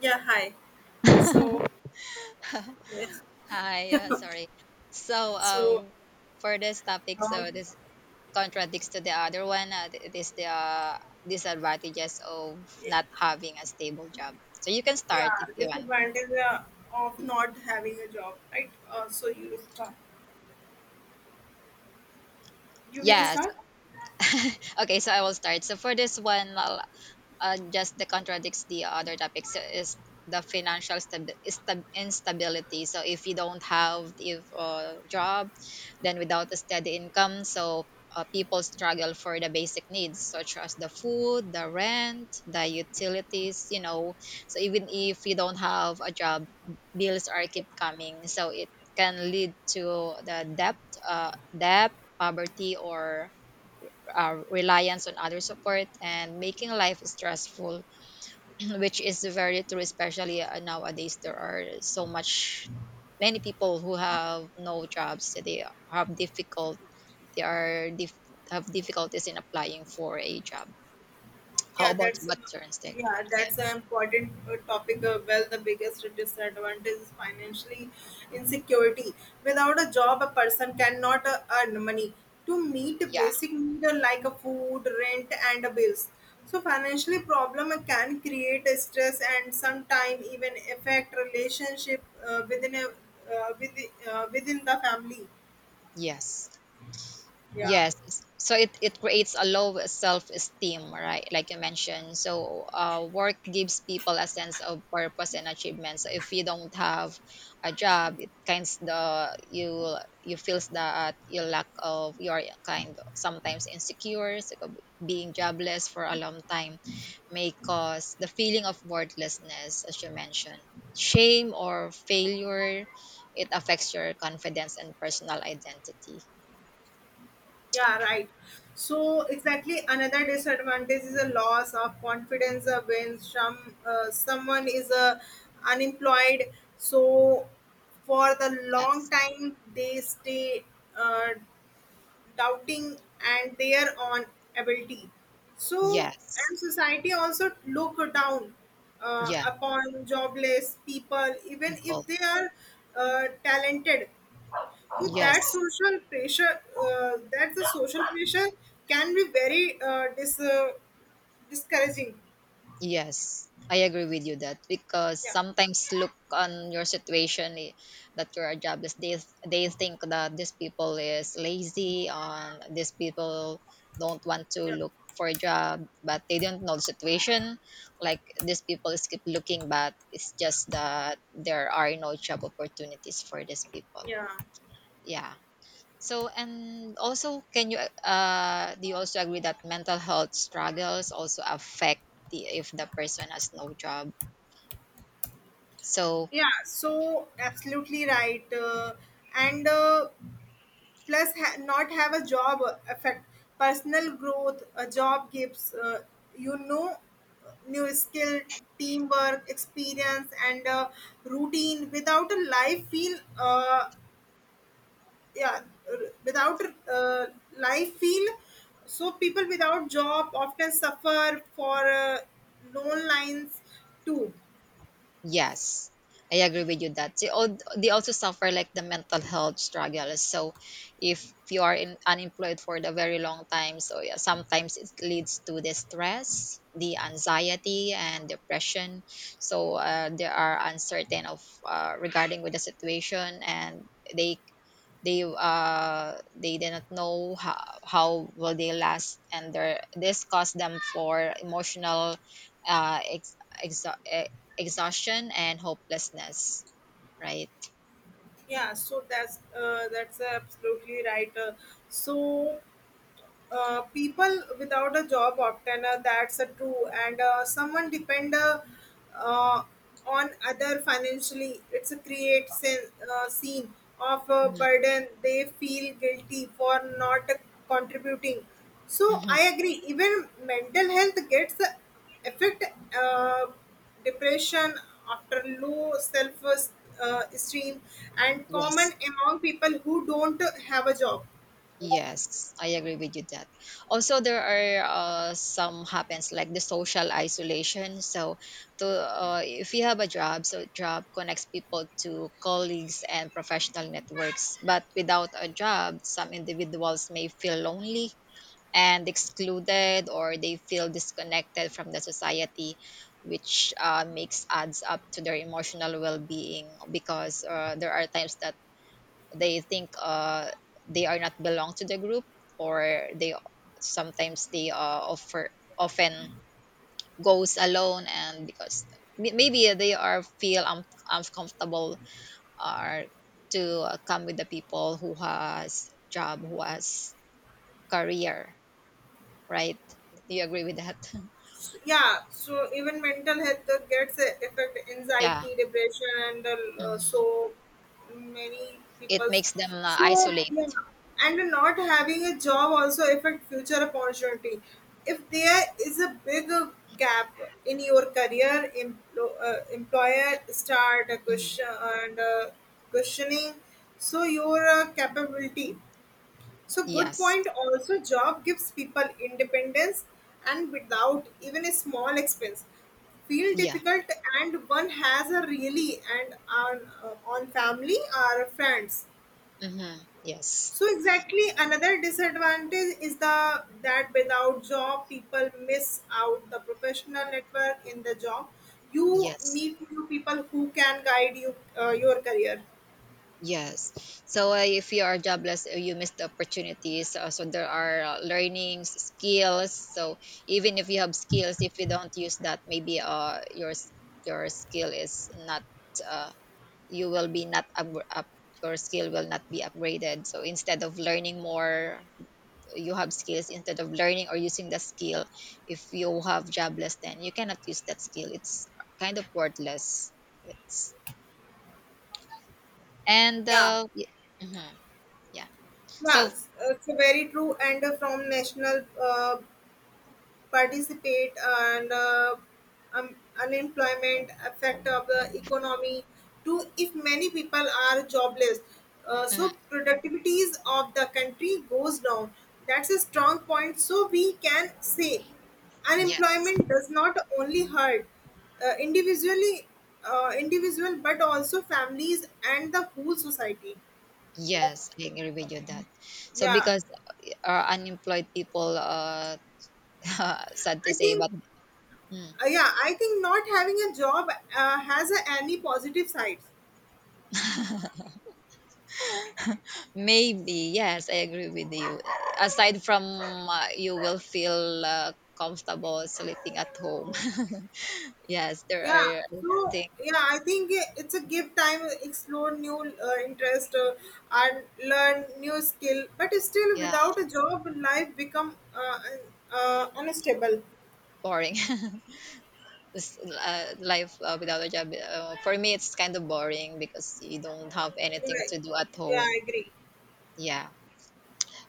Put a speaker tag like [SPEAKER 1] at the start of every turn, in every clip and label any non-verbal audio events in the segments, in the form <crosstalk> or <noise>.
[SPEAKER 1] Yeah, hi. So,
[SPEAKER 2] <laughs>
[SPEAKER 1] Yeah.
[SPEAKER 2] Hi, sorry. So,
[SPEAKER 1] so
[SPEAKER 2] uh, for this topic,
[SPEAKER 1] um,
[SPEAKER 2] this contradicts to the other one. It is the disadvantages of not having a stable job. So you can start
[SPEAKER 1] yeah,
[SPEAKER 2] if you want.
[SPEAKER 1] disadvantage of not having a job, right? So you start. You will
[SPEAKER 2] Yeah.
[SPEAKER 1] start.
[SPEAKER 2] <laughs> Okay, so I will start. So for this one, just that contradicts the other topics is the financial instability. So if you don't have if job, then without a steady income, so people struggle for the basic needs such as the food, the rent, the utilities. So even if you don't have a job, bills are keep coming. So it can lead to the debt, uh, debt, poverty, or reliance on other support and making life stressful, <clears throat> which is very true, especially nowadays there are so much many people who have no jobs. They have difficult they are dif- have difficulties in applying for a job. How
[SPEAKER 1] Yeah,
[SPEAKER 2] about
[SPEAKER 1] that's
[SPEAKER 2] what turns yeah
[SPEAKER 1] yeah, that's an important topic. Well, the biggest disadvantage is financially insecurity. Without a job, a person cannot earn money to meet
[SPEAKER 2] yeah
[SPEAKER 1] basic needs like a food, rent, and bills. So, financially problem can create stress and sometimes even affect relationship within the family.
[SPEAKER 2] yes
[SPEAKER 1] Yeah.
[SPEAKER 2] Yes, s- so it creates a low self-esteem, right? Like you mentioned. So work gives people a sense of purpose and achievement. So if you don't have a job, it kinds the you feels that you lack of your kind, sometimes insecure, so being jobless for a long time may cause the feeling of worthlessness, as you mentioned. Shame or failure, it affects your confidence and personal identity.
[SPEAKER 1] Yeah, right. So exactly another disadvantage is a loss of confidence when someone is unemployed. So for the long
[SPEAKER 2] Yes.
[SPEAKER 1] time they stay uh, doubting and their own ability. So
[SPEAKER 2] Yes.
[SPEAKER 1] and society also look down
[SPEAKER 2] Yeah,
[SPEAKER 1] upon jobless people even
[SPEAKER 2] people.
[SPEAKER 1] if they are talented with
[SPEAKER 2] Yes.
[SPEAKER 1] that social pressure, that the social pressure can be very discouraging.
[SPEAKER 2] Yes, I agree with you that, because
[SPEAKER 1] Yeah.
[SPEAKER 2] sometimes look on your situation, that you are jobless. They think that these people is lazy, on these people don't want to
[SPEAKER 1] Yeah.
[SPEAKER 2] look for a job, but they don't know the situation. Like these people is keep looking, but it's just that there are no job opportunities for these people.
[SPEAKER 1] Yeah.
[SPEAKER 2] Yeah. So, and also, can you, do you also agree that mental health struggles also affect the, if the person has no job? So,
[SPEAKER 1] Yeah, so absolutely right. And plus, not have a job affect personal growth. A job gives you know new skill, teamwork, experience, and routine. Without a life, feel. Yeah r- without uh, life feel, so people without job often suffer for loan lines too.
[SPEAKER 2] yes, I agree with you that they, all, they also suffer like the mental health struggles. So if you are in, unemployed for the very long time, so yeah, sometimes it leads to the stress, the anxiety and depression. So they are uncertain of regarding with the situation, and they they did not know how will they last, and their this caused them for emotional uh ex, ex, exhaustion and hopelessness, right?
[SPEAKER 1] Yeah so that's absolutely right. So People without a job often that's a true, and someone depend uh, on other financially. It's a scene of a
[SPEAKER 2] Mhm.
[SPEAKER 1] burden. They feel guilty for not contributing, so
[SPEAKER 2] Mhm.
[SPEAKER 1] I agree even mental health gets affect uh, depression, after low self esteem, and
[SPEAKER 2] Yes.
[SPEAKER 1] common among people who don't have a job.
[SPEAKER 2] Yes, I agree with you that. Also, there are some happens like the social isolation. So, to if you have a job, so job connects people to colleagues and professional networks. But without a job, some individuals may feel lonely and excluded, or they feel disconnected from the society, which makes adds up to their emotional well-being, because there are times that they think they are not belong to the group, or they sometimes they offer often goes alone, and because maybe they are feel uncomfortable or to come with the people who has job, who has career, right? Do you agree with that?
[SPEAKER 1] S- yeah so even mental health gets affect
[SPEAKER 2] Yeah,
[SPEAKER 1] anxiety, depression, and uh,
[SPEAKER 2] mhm.
[SPEAKER 1] so many
[SPEAKER 2] It
[SPEAKER 1] people's.
[SPEAKER 2] makes them,
[SPEAKER 1] So
[SPEAKER 2] isolate.
[SPEAKER 1] yeah, and not having a job also affect future opportunity. If there is a big gap in your career, employer start a
[SPEAKER 2] Mhm.
[SPEAKER 1] question and questioning, your capability. So good
[SPEAKER 2] Yes.
[SPEAKER 1] point. Also, job gives people independence, and without even a small expense. Feel
[SPEAKER 2] Yeah.
[SPEAKER 1] difficult, and one has a really and on family or friends.
[SPEAKER 2] Mhm. Yes.
[SPEAKER 1] So exactly another disadvantage is the that without job people miss out the professional network in the job. You
[SPEAKER 2] Yes.
[SPEAKER 1] meet new people who can guide you your career.
[SPEAKER 2] Yes. So, if you are jobless, you miss the opportunities. So there are, learnings, skills. So even if you have skills, if you don't use that, maybe, your skill is not, uh, you will be not up, up, your skill will not be upgraded. So instead of learning more, you have skills, instead of learning or using the skill, if you have jobless then you cannot use that skill. It's kind of worthless. It's and
[SPEAKER 1] Yeah.
[SPEAKER 2] y- mhm, yeah. So
[SPEAKER 1] Yes, it's very true. And from national participate and unemployment effect of the economy to. If many people are jobless, uh,
[SPEAKER 2] mm,
[SPEAKER 1] so productivities of the country goes down. That's a strong point, so we can say
[SPEAKER 2] yes.
[SPEAKER 1] unemployment does not only hurt uh, individually individual, but also families and the whole society.
[SPEAKER 2] Yes, I agree with you that. So
[SPEAKER 1] Yeah,
[SPEAKER 2] because unemployed people <laughs> sad
[SPEAKER 1] I
[SPEAKER 2] to say
[SPEAKER 1] think
[SPEAKER 2] but mm,
[SPEAKER 1] not having a job has a, any positive sides.
[SPEAKER 2] maybe yes, I agree with you. Aside from you will feel comfortable sleeping at home. <laughs> Yes, there
[SPEAKER 1] Yeah,
[SPEAKER 2] are, I
[SPEAKER 1] so
[SPEAKER 2] think.
[SPEAKER 1] yeah, I think it's a give time explore new interest, and learn new skill, but still
[SPEAKER 2] Yeah,
[SPEAKER 1] without a job life become unstable.
[SPEAKER 2] boring. <laughs> This, life without a job, for me, it's kind of boring because you don't have anything
[SPEAKER 1] Yeah,
[SPEAKER 2] to do at
[SPEAKER 1] yeah, I
[SPEAKER 2] home.
[SPEAKER 1] agree.
[SPEAKER 2] Yeah.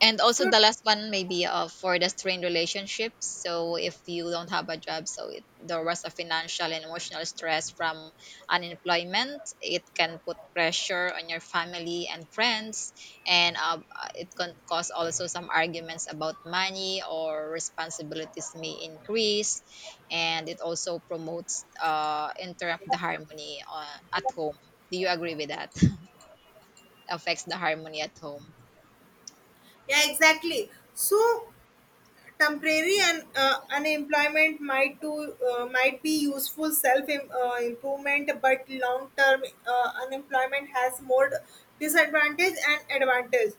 [SPEAKER 2] And also
[SPEAKER 1] So
[SPEAKER 2] the last one maybe for the strained relationships. So if you don't have a job, so it, there was a financial and emotional stress from unemployment. It can put pressure on your family and friends, and it can cause also some arguments about money or responsibilities may increase, and it also promotes interrupt the harmony at home. Do you agree with that? <laughs> Affects the harmony at home.
[SPEAKER 1] yeah, exactly, so temporary and unemployment might to might be useful self improvement, but long term unemployment has more disadvantage and advantage.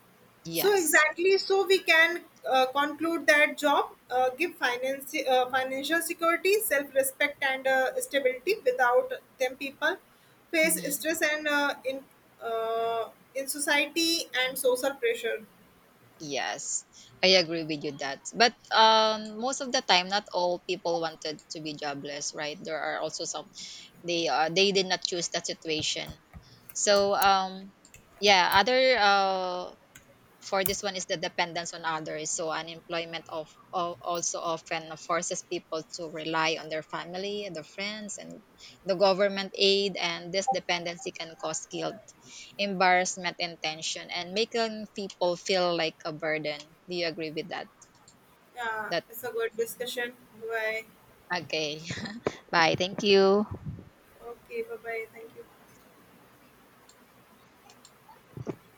[SPEAKER 1] So
[SPEAKER 2] Yes.
[SPEAKER 1] exactly, so we can conclude that job give finance financial security, self respect, and stability. Without them, people face
[SPEAKER 2] Mhm.
[SPEAKER 1] stress and uh, in society and social pressure.
[SPEAKER 2] Yes, I agree with you that. But most of the time, not all people wanted to be jobless, right? There are also some, they did not choose that situation. So yeah, other for this one is the dependence on others. So unemployment of also often forces people to rely on their family and their friends and the government aid, and this dependency can cause guilt, embarrassment and tension, and making people feel like a burden. Do you agree with that
[SPEAKER 1] Yeah,
[SPEAKER 2] that
[SPEAKER 1] it's a good discussion. Bye.
[SPEAKER 2] Okay. <laughs> Bye, thank you.
[SPEAKER 1] Okay, bye bye. Thank you.